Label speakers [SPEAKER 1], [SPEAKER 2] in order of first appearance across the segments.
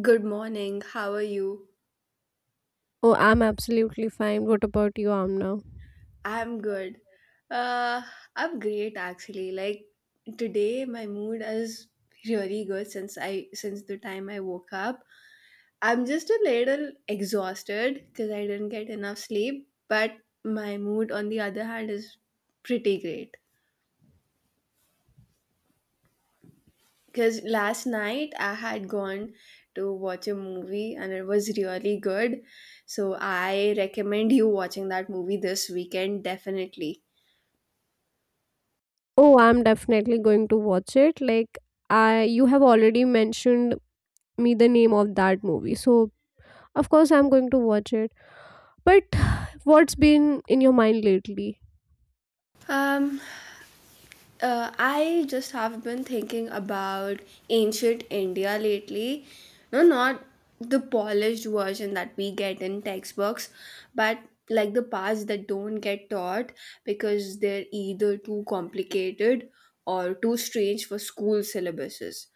[SPEAKER 1] Good morning. How are you?
[SPEAKER 2] Oh, I'm absolutely fine. What about you, Amna?
[SPEAKER 1] I'm good. Uh, I'm great actually. Like today my mood is really good since I since the time I woke up. I'm just a little exhausted because I didn't get enough sleep, but my mood on the other hand is pretty great. Because last night I had gone to watch a movie and it was really good. So I recommend you watching that movie this weekend definitely.
[SPEAKER 2] Oh, I'm definitely going to watch it. Like, I you have already mentioned me the name of that movie, so of course I'm going to watch it. But what's been in your mind lately?
[SPEAKER 1] Um, I just have been thinking about ancient India lately. No, not the polished version that we get in textbooks, but like the parts that don't get taught because they're either too complicated or too strange for school syllabuses,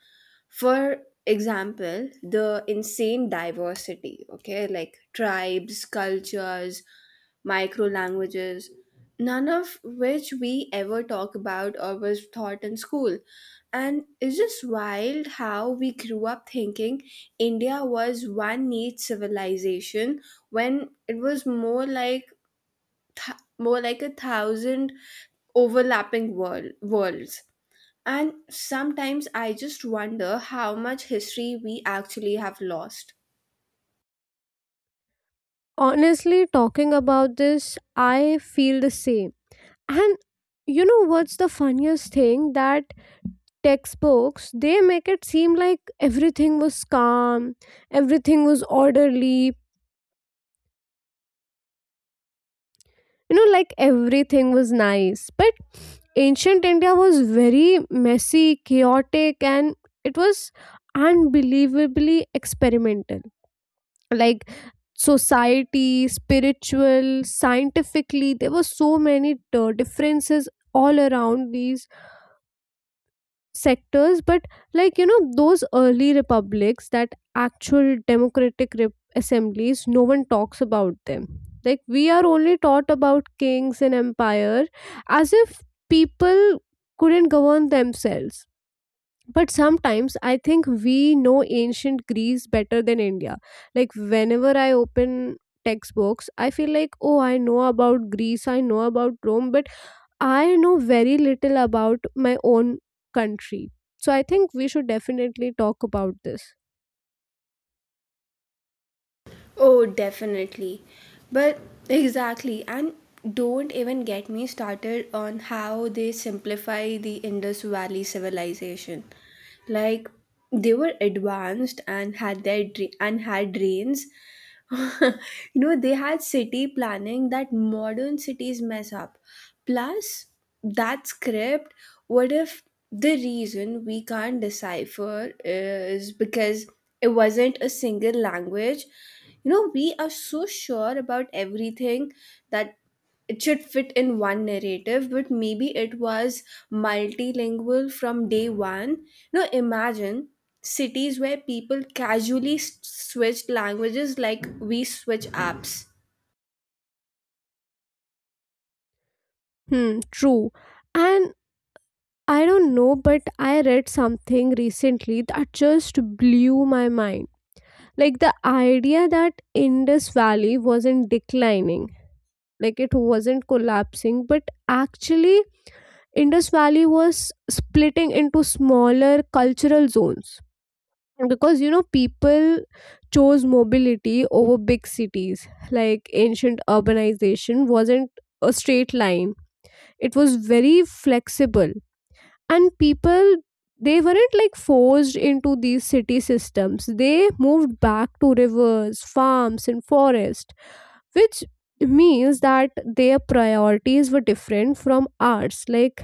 [SPEAKER 1] for example, the insane diversity. Okay, like tribes, cultures, micro languages, none of which we ever talk about or was taught in school. And it's just wild how we grew up thinking India was one neat civilization when it was more like more like a thousand overlapping worlds. And sometimes I just wonder how much history we actually have lost.
[SPEAKER 2] Honestly, talking about this, I feel the same. And you know what's the funniest thing? That textbooks, they make it seem like everything was calm, everything was orderly, you know, like everything was nice, but ancient India was very messy, chaotic, and it was unbelievably experimental. Like society, spiritual, scientifically, there were so many differences all around these sectors. But like, you know, those early republics, that actual democratic assemblies, no one talks about them. Like we are only taught about kings and empire, as if people couldn't govern themselves. But sometimes I think we know ancient Greece better than India. Like whenever I open textbooks, I feel like, oh, I know about Greece, I know about Rome, but I know very little about my own country. So I think we should definitely talk about this.
[SPEAKER 1] Oh, definitely. But exactly, and don't even get me started on how they simplify the Indus Valley civilization. Like they were advanced and had their dra- and had drains. you know, they had city planning that modern cities mess up. Plus that script, what if the reason we can't decipher is because it wasn't a single language? You know, we are so sure about everything that it should fit in one narrative, but maybe it was multilingual from day one. Now imagine cities where people casually switched languages like we switch apps.
[SPEAKER 2] Hmm, true. And I don't know, but I read something recently that just blew my mind. Like the idea that Indus Valley wasn't declining, like it wasn't collapsing, but actually, Indus Valley was splitting into smaller cultural zones. Because you know, people chose mobility over big cities. Like ancient urbanization wasn't a straight line, it was very flexible. And people, they weren't like forced into these city systems. They moved back to rivers, farms, and forest, which means that their priorities were different from ours. Like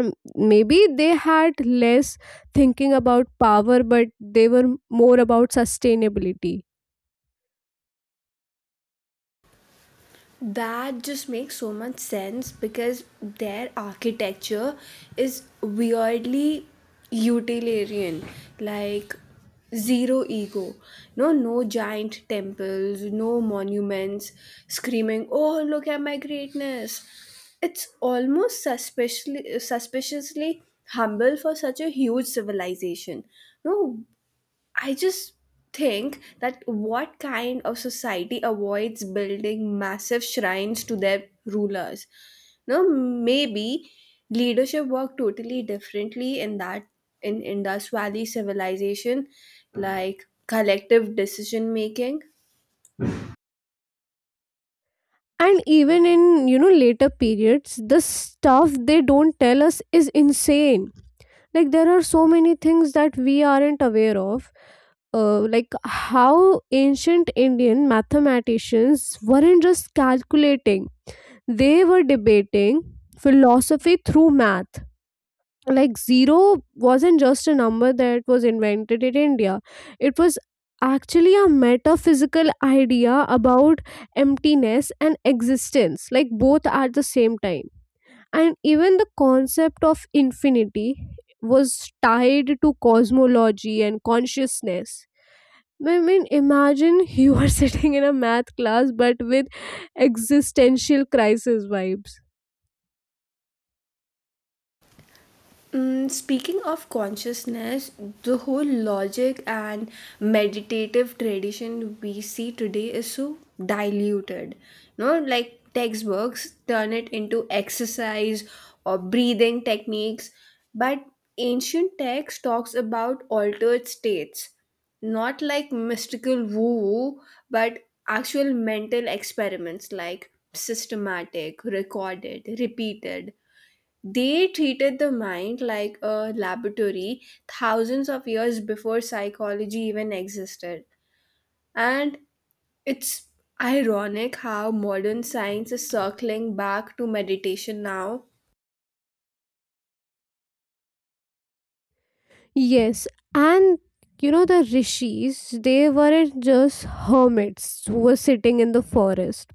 [SPEAKER 2] maybe they had less thinking about power, but they were more about sustainability.
[SPEAKER 1] That just makes so much sense because their architecture is weirdly utilitarian, like zero ego. No, No giant temples, no monuments screaming, "Oh, look at my greatness!" It's almost suspiciously humble for such a huge civilization. No, I just think that what kind of society avoids building massive shrines to their rulers? No, maybe leadership worked totally differently in that in Indus Valley civilization, like collective decision making.
[SPEAKER 2] And even in, you know, later periods, the stuff they don't tell us is insane. Like there are so many things that we aren't aware of. Like how ancient Indian mathematicians weren't just calculating, they were debating philosophy through math. Like zero wasn't just a number that was invented in India, it was actually a metaphysical idea about emptiness and existence, like both at the same time. And even the concept of infinity was tied to cosmology and consciousness. I mean, imagine you are sitting in a math class but with existential crisis vibes.
[SPEAKER 1] Mm, speaking of consciousness, the whole logic and meditative tradition we see today is so diluted. No, like textbooks turn it into exercise or breathing techniques, but ancient text talks about altered states, not like mystical woo-woo, but actual mental experiments, like systematic, recorded, repeated. They treated the mind like a laboratory thousands of years before psychology even existed. And it's ironic how modern science is circling back to meditation now.
[SPEAKER 2] Yes, and you know the rishis, they weren't just hermits who were sitting in the forest.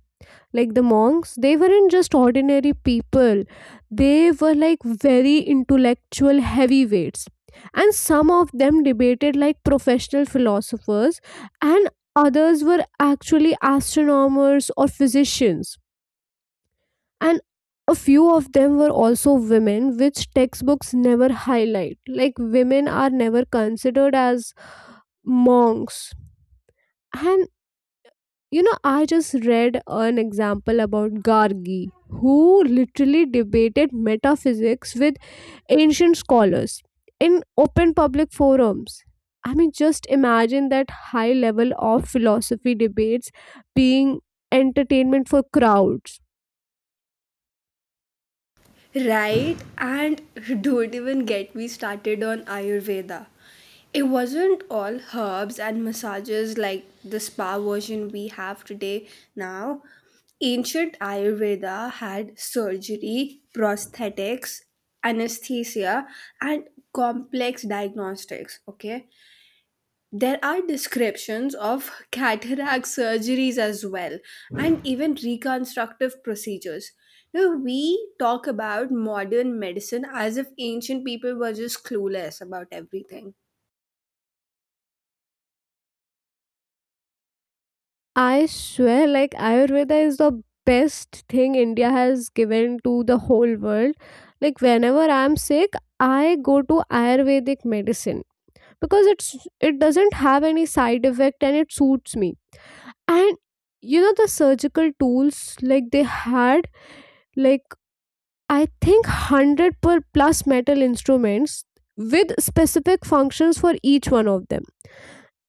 [SPEAKER 2] Like the monks, they weren't just ordinary people. They were like very intellectual heavyweights. And some of them debated like professional philosophers, and others were actually astronomers or physicians, and a few of them were also women, which textbooks never highlight. Like women are never considered as monks. And you know, I just read an example about Gargi, who literally debated metaphysics with ancient scholars in open public forums. I mean, just imagine that high level of philosophy debates being entertainment for crowds.
[SPEAKER 1] Right? And don't even get me started on Ayurveda. It wasn't all herbs and massages like the spa version we have today now. Ancient Ayurveda had surgery, prosthetics, anesthesia, and complex diagnostics. Okay, there are descriptions of cataract surgeries as well, and even reconstructive procedures. Now, we talk about modern medicine as if ancient people were just clueless about everything.
[SPEAKER 2] I swear, like Ayurveda is the best thing India has given to the whole world. Like whenever I'm sick, I go to Ayurvedic medicine because it doesn't have any side effect and it suits me. And you know the surgical tools, like they had, like I think hundred per plus metal instruments with specific functions for each one of them.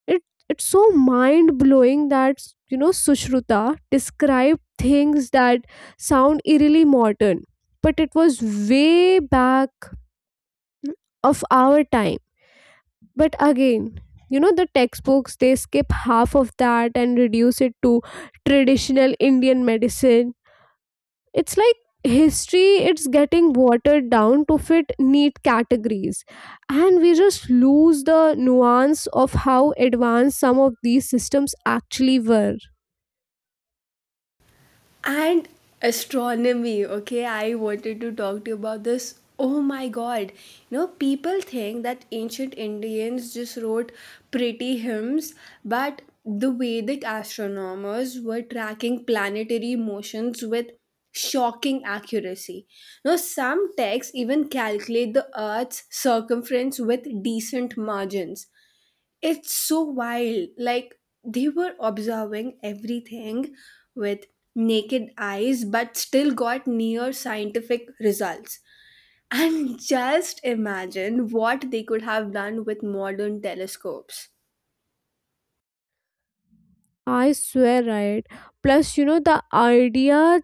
[SPEAKER 2] It it's so mind blowing that you know, Sushruta described things that sound eerily modern, but it was way back of our time. But again, you know the textbooks, they skip half of that and reduce it to traditional Indian medicine. It's like history, it's getting watered down to fit neat categories, and we just lose the nuance of how advanced some of these systems actually were.
[SPEAKER 1] And astronomy, okay, I wanted to talk to you about this. Oh my god. You know, people think that ancient Indians just wrote pretty hymns, but the Vedic astronomers were tracking planetary motions with shocking accuracy. Now, some texts even calculate the Earth's circumference with decent margins. It's so wild. Like they were observing everything with naked eyes, but still got near scientific results. And just imagine what they could have done with modern telescopes.
[SPEAKER 2] I swear, right? Plus you know, the idea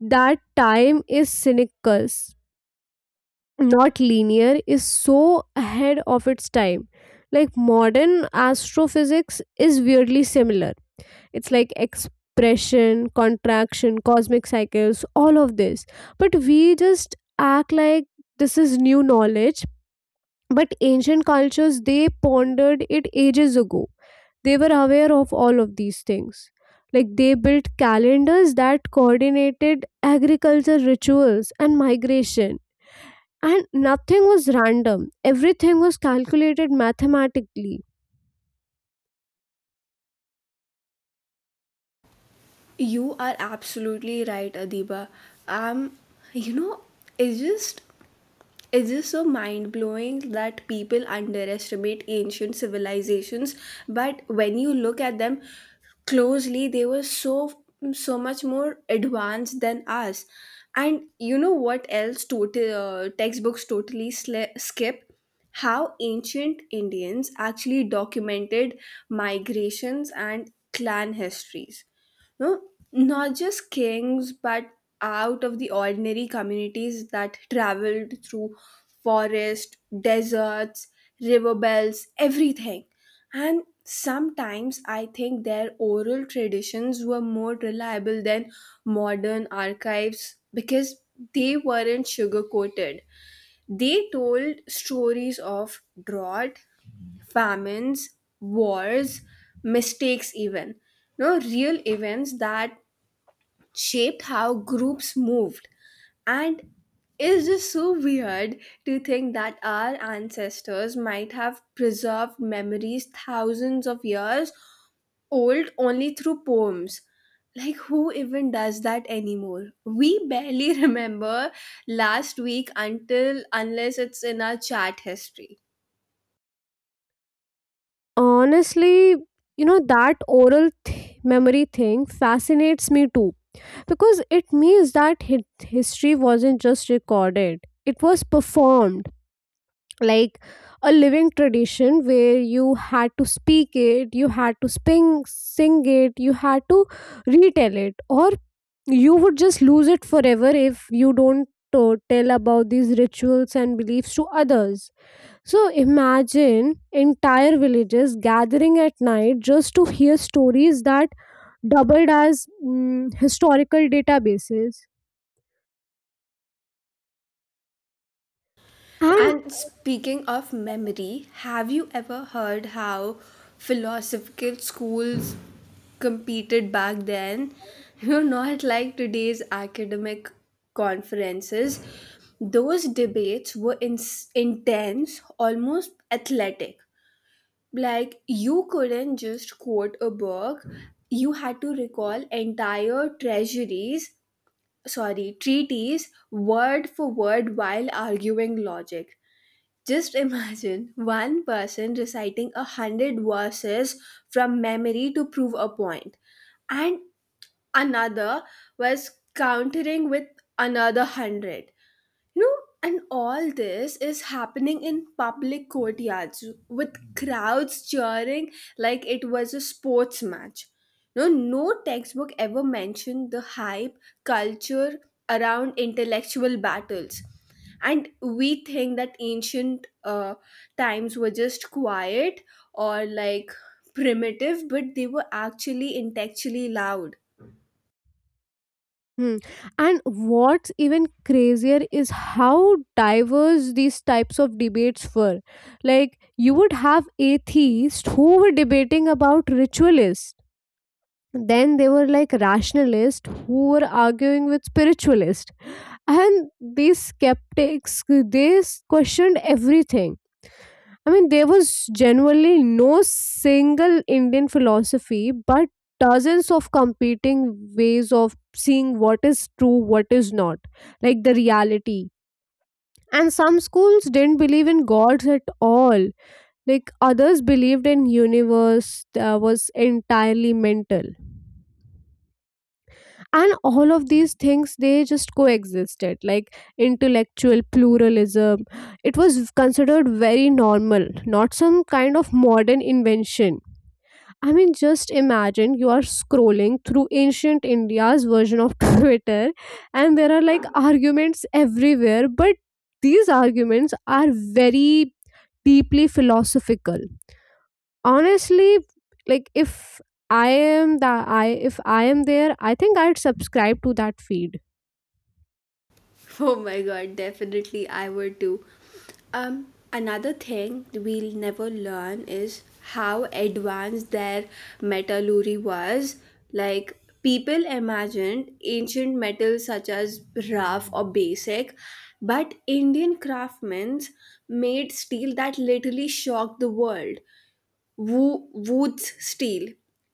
[SPEAKER 2] that time is cynical not linear is so ahead of its time. Like modern astrophysics is weirdly similar. It's like expression, contraction, cosmic cycles, all of this. But we just act like this is new knowledge, but ancient cultures, they pondered it ages ago. They were aware of all of these things. Like they built calendars that coordinated agriculture, rituals, and migration, and nothing was random. Everything was calculated mathematically.
[SPEAKER 1] You are absolutely right, Adiba. Um, you know, it's just it is so mind blowing that people underestimate ancient civilizations, but when you look at them closely, they were so much more advanced than us. And you know what else? Total Textbooks totally skip how ancient Indians actually documented migrations and clan histories. No, not just kings, but out of the ordinary communities that traveled through forest, deserts, river belts, everything. And sometimes I think their oral traditions were more reliable than modern archives because they weren't sugar coated. They told stories of drought, famines, wars, mistakes, even. No, real events that shaped how groups moved. And it's just so weird to think that our ancestors might have preserved memories thousands of years old only through poems. Like, who even does that anymore? We barely remember last week until unless it's in our chat history.
[SPEAKER 2] Honestly, you know that oral memory thing fascinates me too, because it means that history wasn't just recorded, it was performed. Like a living tradition where you had to speak it, you had to sing it, you had to retell it, or you would just lose it forever if you don't tell about these rituals and beliefs to others. So imagine entire villages gathering at night just to hear stories that doubled as historical databases. And
[SPEAKER 1] And speaking of memory, have you ever heard how philosophical schools competed back then? You're not like today's academic conferences. Those debates were intense, almost athletic. Like you couldn't just quote a book, you had to recall entire treasuries sorry treaties word for word while arguing logic. Just imagine one person reciting a hundred verses from memory to prove a point, and another was countering with another hundred. You know, and all this is happening in public courtyards with crowds cheering like it was a sports match. No, No textbook ever mentioned the hype culture around intellectual battles. And we think that ancient times were just quiet or like primitive, but they were actually intellectually loud.
[SPEAKER 2] mm, and what's even crazier is how diverse these types of debates were. Like you would have atheists who were debating about ritualists. Then they were like rationalists who were arguing with spiritualists. And these skeptics, they questioned everything. I mean, there was generally no single Indian philosophy, but dozens of competing ways of seeing what is true, what is not, like the reality. And some schools didn't believe in gods at all, like others believed in universe that was entirely mental. And all of these things, they just coexisted like intellectual pluralism. It was considered very normal, not some kind of modern invention. I mean, just imagine you are scrolling through ancient India's version of twitter, and there are like arguments everywhere, but these arguments are very deeply philosophical. Honestly, like if I am the I if I am there, I think I'd subscribe to that feed.
[SPEAKER 1] Oh my god, definitely I would too. Another thing we'll never learn is how advanced their metallurgy was. Like, people imagined ancient metals such as rough or basic, but Indian craftsmen made steel that literally shocked the world. Wood's steel.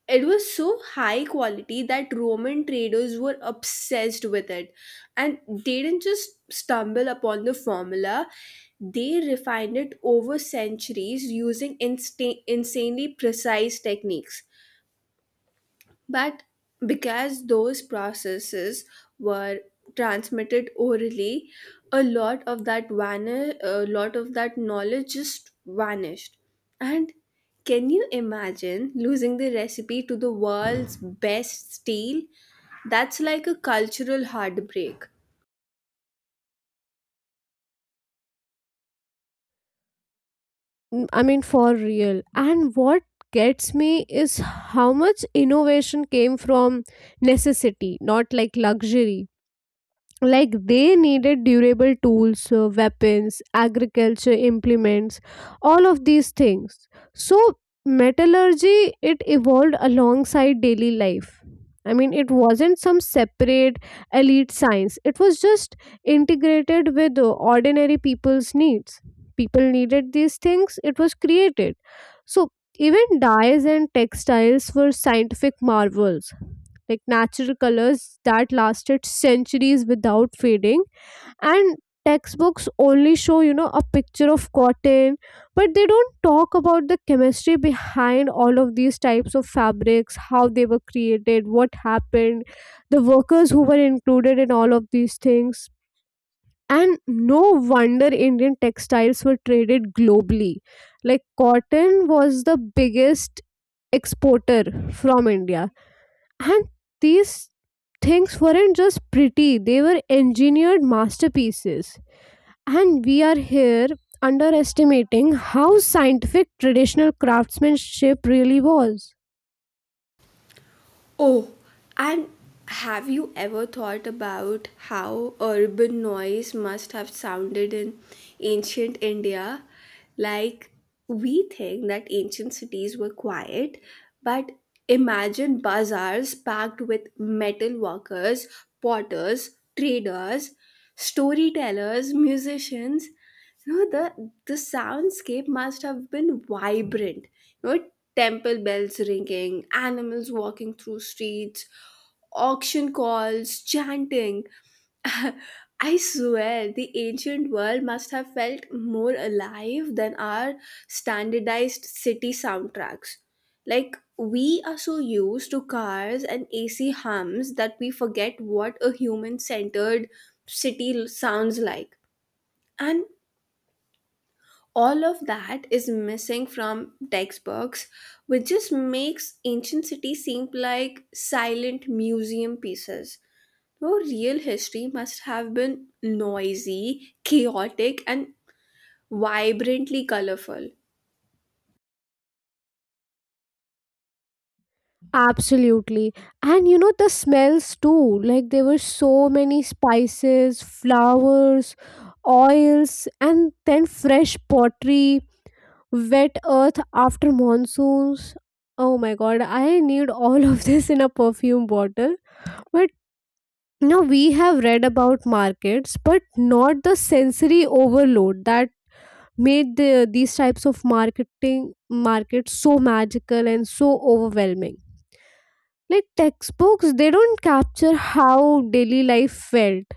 [SPEAKER 1] It was so high quality that Roman traders were obsessed with it. And they didn't just stumble upon the formula, they refined it over centuries using insanely precise techniques. But because those processes were transmitted orally, a lot of that knowledge just vanished. And can you imagine losing the recipe to the world's best steal? That's like a cultural heartbreak.
[SPEAKER 2] Mm, I mean, for real. And what gets me is how much innovation came from necessity, not like luxury. Like they needed durable tools, weapons, agriculture implements, all of these things. So metallurgy, it evolved alongside daily life. I mean, it wasn't some separate elite science, it was just integrated with ordinary people's needs. People needed these things, it was created. So even dyes and textiles were scientific marvels, like natural colors that lasted centuries without fading. And textbooks only show, you know, a picture of cotton, but they don't talk about the chemistry behind all of these types of fabrics, how they were created, what happened, the workers who were included in all of these things. And no wonder Indian textiles were traded globally. Like cotton was the biggest exporter from India, and these things weren't just pretty, they were engineered masterpieces. And we are here underestimating how scientific traditional craftsmanship really was.
[SPEAKER 1] Oh, and have you ever thought about how urban noise must have sounded in ancient India? Like, we think that ancient cities were quiet, but imagine bazaars packed with metal workers, potters, traders, storytellers, musicians. So the soundscape must have been vibrant. You know, temple bells ringing, animals walking through streets, auction calls, chanting. I swear, the ancient world must have felt more alive than our standardized city soundtracks. Like, we are so used to cars and AC hums that we forget what a human centered city sounds like. And all of that is missing from textbooks, which just makes ancient cities seem like silent museum pieces. No, real history must have been noisy, chaotic, and vibrantly colorful.
[SPEAKER 2] Absolutely. And you know, the smells too. Like there were so many spices, flowers, oils, and then fresh pottery, wet earth after monsoons. Oh my god, I need all of this in a perfume bottle. But you know, we have read about markets, but not the sensory overload that made these types of marketing markets so magical and so overwhelming. Like textbooks, they don't capture how daily life felt,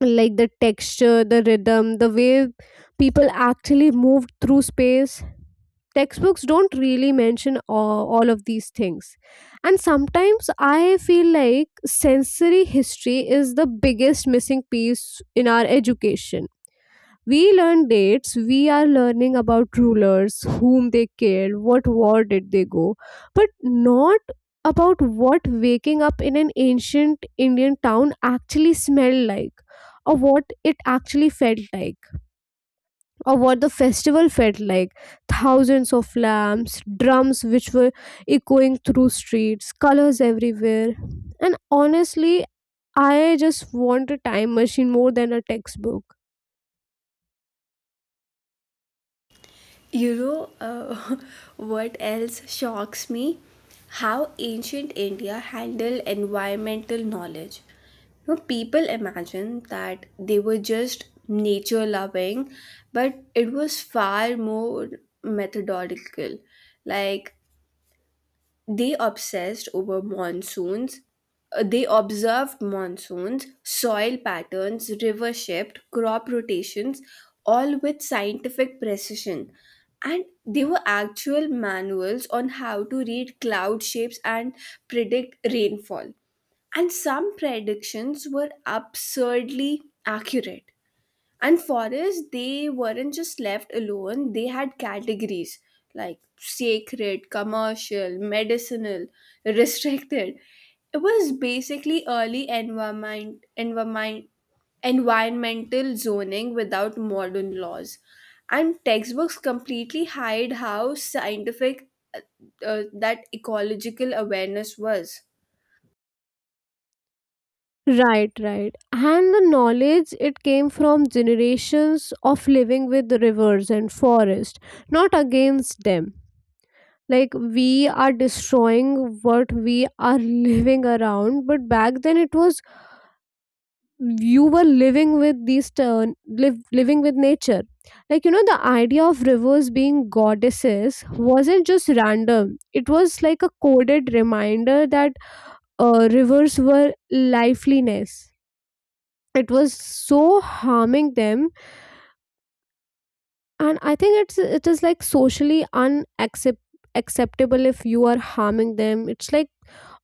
[SPEAKER 2] like the texture, the rhythm, the way people actually moved through space. Textbooks don't really mention all of these things. And sometimes I feel like sensory history is the biggest missing piece in our education. We learn dates, we are learning about rulers, whom they killed, what war did they go, but not about what waking up in an ancient Indian town actually smelled like, or what it actually felt like, or what the festival felt like, thousands of lamps, drums which were echoing through streets, colors everywhere. And honestly, I just want a time machine more than a textbook.
[SPEAKER 1] You know, what else shocks me? How ancient India handled environmental knowledge. You know, people imagine that they were just nature loving, but it was far more methodological. Like they obsessed over monsoons. They observed monsoons, soil patterns, river shift, crop rotations, all with scientific precision. And they were actual manuals on how to read cloud shapes and predict rainfall. And some predictions were absurdly accurate. And forests, they weren't just left alone, they had categories like sacred, commercial, medicinal, restricted. It was basically early environmental zoning without modern laws. And textbooks completely hide how scientific uh, that ecological awareness was.
[SPEAKER 2] Right, right. And the knowledge, it came from generations of living with the rivers and forest, not against them. Like we are destroying what we are living around, but back then it was, you were living with nature. Like you know, the idea of rivers being goddesses wasn't just random, it was like a coded reminder that rivers were lifeliness. It was so harming them, and I think it's, it is like socially unacceptable acceptable if you are harming them, it's like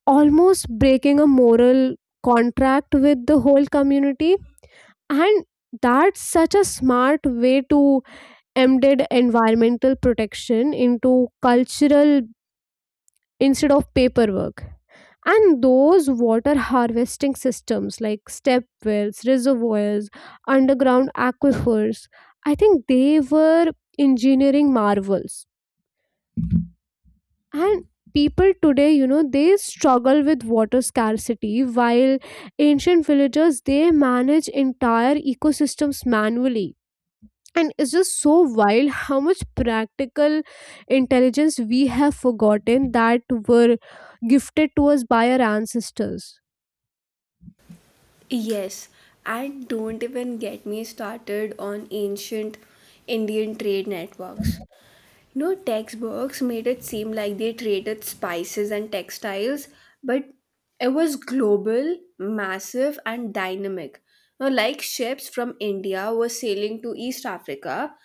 [SPEAKER 2] almost breaking a moral contract with the whole community. And that's such a smart way to embed environmental protection into cultural instead of paperwork. And those water harvesting systems like step wells, reservoirs, underground aquifers, I think they were engineering marvels. And people today, you know, they struggle with water scarcity while ancient villagers, they manage entire ecosystems manually. And it's just so wild how much practical intelligence we have forgotten that were gifted to us by our ancestors.
[SPEAKER 1] Yes, and don't even get me started on ancient Indian trade networks. You know, textbooks made it seem like they traded spices and textiles, but it was global, massive, and dynamic. Now, like ships from India were sailing to East Africa,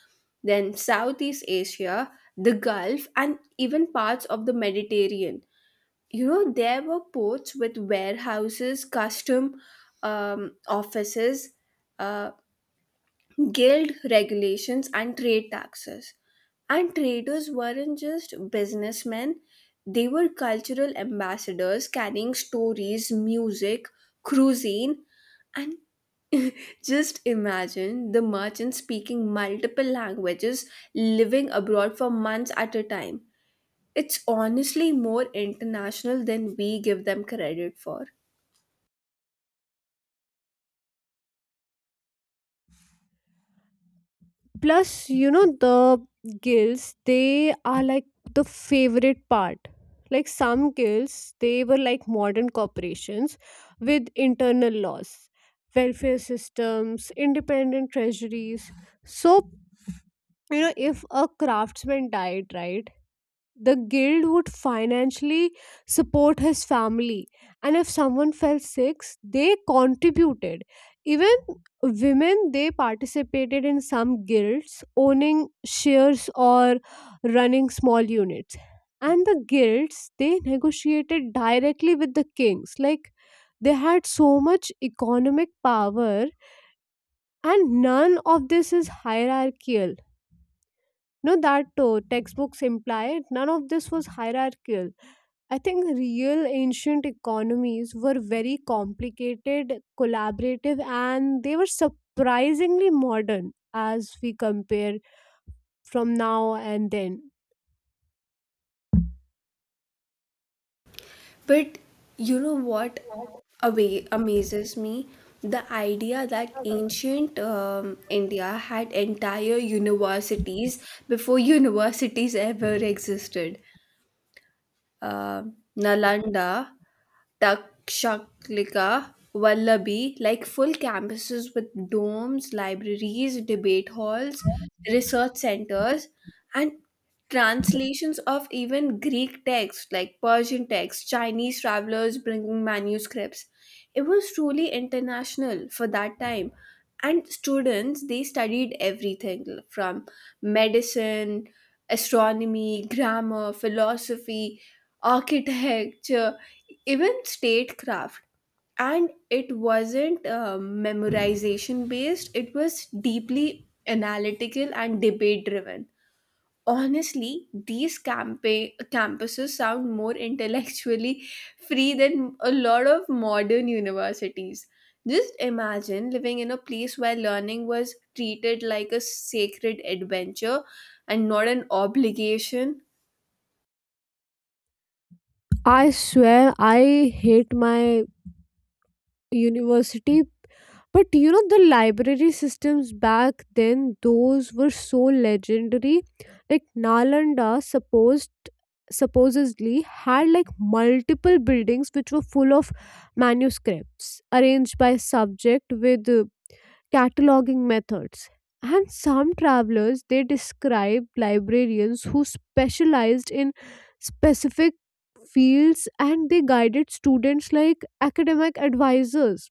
[SPEAKER 1] then Southeast Asia, the Gulf, and even parts of the Mediterranean. You know, there were ports with warehouses, custom offices, uh, guild regulations, and trade taxes. And traders weren't just businessmen, they were cultural ambassadors carrying stories, music, cuisine. And just imagine the merchant speaking multiple languages, living abroad for months at a time. It's honestly more international than we give them credit for.
[SPEAKER 2] Plus you know, the guilds, they are like the favorite part. Like some guilds, they were like modern corporations with internal laws, welfare systems, independent treasuries. So you know, if a craftsman died, right, the guild would financially support his family. And if someone fell sick, they contributed. Even women, they participated in some guilds, owning shares or running small units. And the guilds, they negotiated directly with the kings. Like they had so much economic power, and none of this is hierarchical. No that Textbooks imply none of this was hierarchical. I think real ancient economies were very complicated, collaborative, and they were surprisingly modern as we compare from now and then.
[SPEAKER 1] But you know what away amazes me? The idea that ancient India had entire universities before universities ever existed. uh, Nalanda, Takshaklika, Wallaby, like full campuses with domes, libraries, debate halls, research centers, and translations of even Greek texts, like Persian texts, Chinese travelers bringing manuscripts. It was truly international for that time. And students, they studied everything from medicine, astronomy, grammar, philosophy, architecture, even statecraft. And it wasn't memorization based, it was deeply analytical and debate driven. Honestly, these campuses sound more intellectually free than a lot of modern universities. Just imagine living in a place where learning was treated like a sacred adventure and not an obligation.
[SPEAKER 2] I swear I hate my university, but you know the library systems back then, those were so legendary. Like Nalanda supposedly had like multiple buildings which were full of manuscripts arranged by subject with cataloging methods. And some travelers, they described librarians who specialized in specific fields, and they guided students like academic advisors.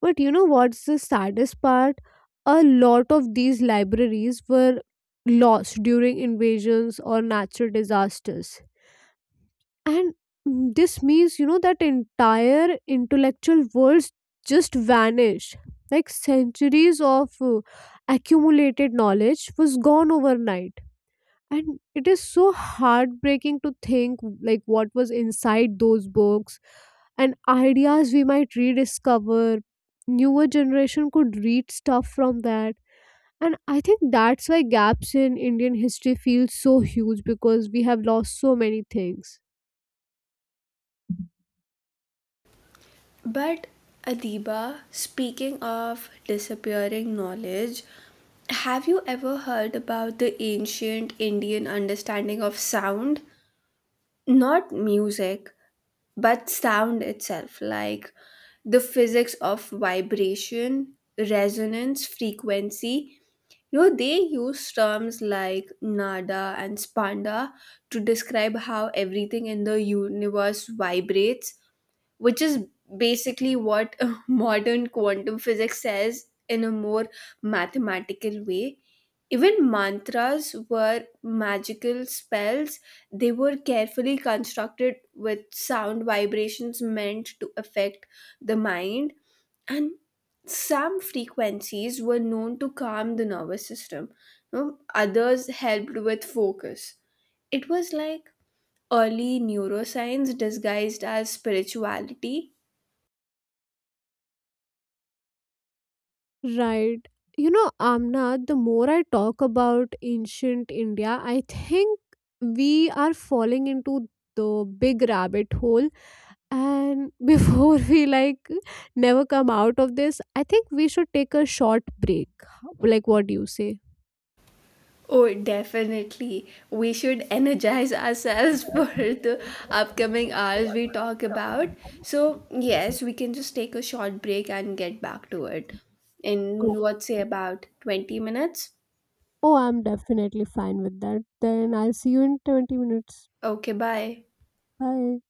[SPEAKER 2] But you know what's the saddest part? A lot of these libraries were lost during invasions or natural disasters. And this means, you know, that entire intellectual worlds just vanished. Like centuries of accumulated knowledge was gone overnight, and it is so heartbreaking to think like what was inside those books and ideas we might rediscover, newer generation could read stuff from that. And I think that's why gaps in Indian history feel so huge because we have lost so many things.
[SPEAKER 1] But Adiba, speaking of disappearing knowledge, have you ever heard about the ancient Indian understanding of sound? Not music, but sound itself, like the physics of vibration, resonance, frequency. You know, they use terms like nada and spanda to describe how everything in the universe vibrates, which is basically what modern quantum physics says in a more mathematical way. Even mantras were magical spells. They were carefully constructed with sound vibrations meant to affect the mind, and some frequencies were known to calm the nervous system. You know, others helped with focus. It was like early neuroscience disguised as spirituality.
[SPEAKER 2] Right, you know, Amna, the more I talk about ancient India, I think we are falling into the big rabbit hole. And before we like never come out of this, I think we should take a short break. Like, what do you say?
[SPEAKER 1] Oh, definitely. We should energize ourselves for the upcoming hours we talk about. So, yes, we can just take a short break and get back to it
[SPEAKER 2] Oh,
[SPEAKER 1] in what say about 20 minutes?
[SPEAKER 2] oh, I'm definitely fine with that. Then I'll see you in 20 minutes.
[SPEAKER 1] Okay, bye.
[SPEAKER 2] Bye.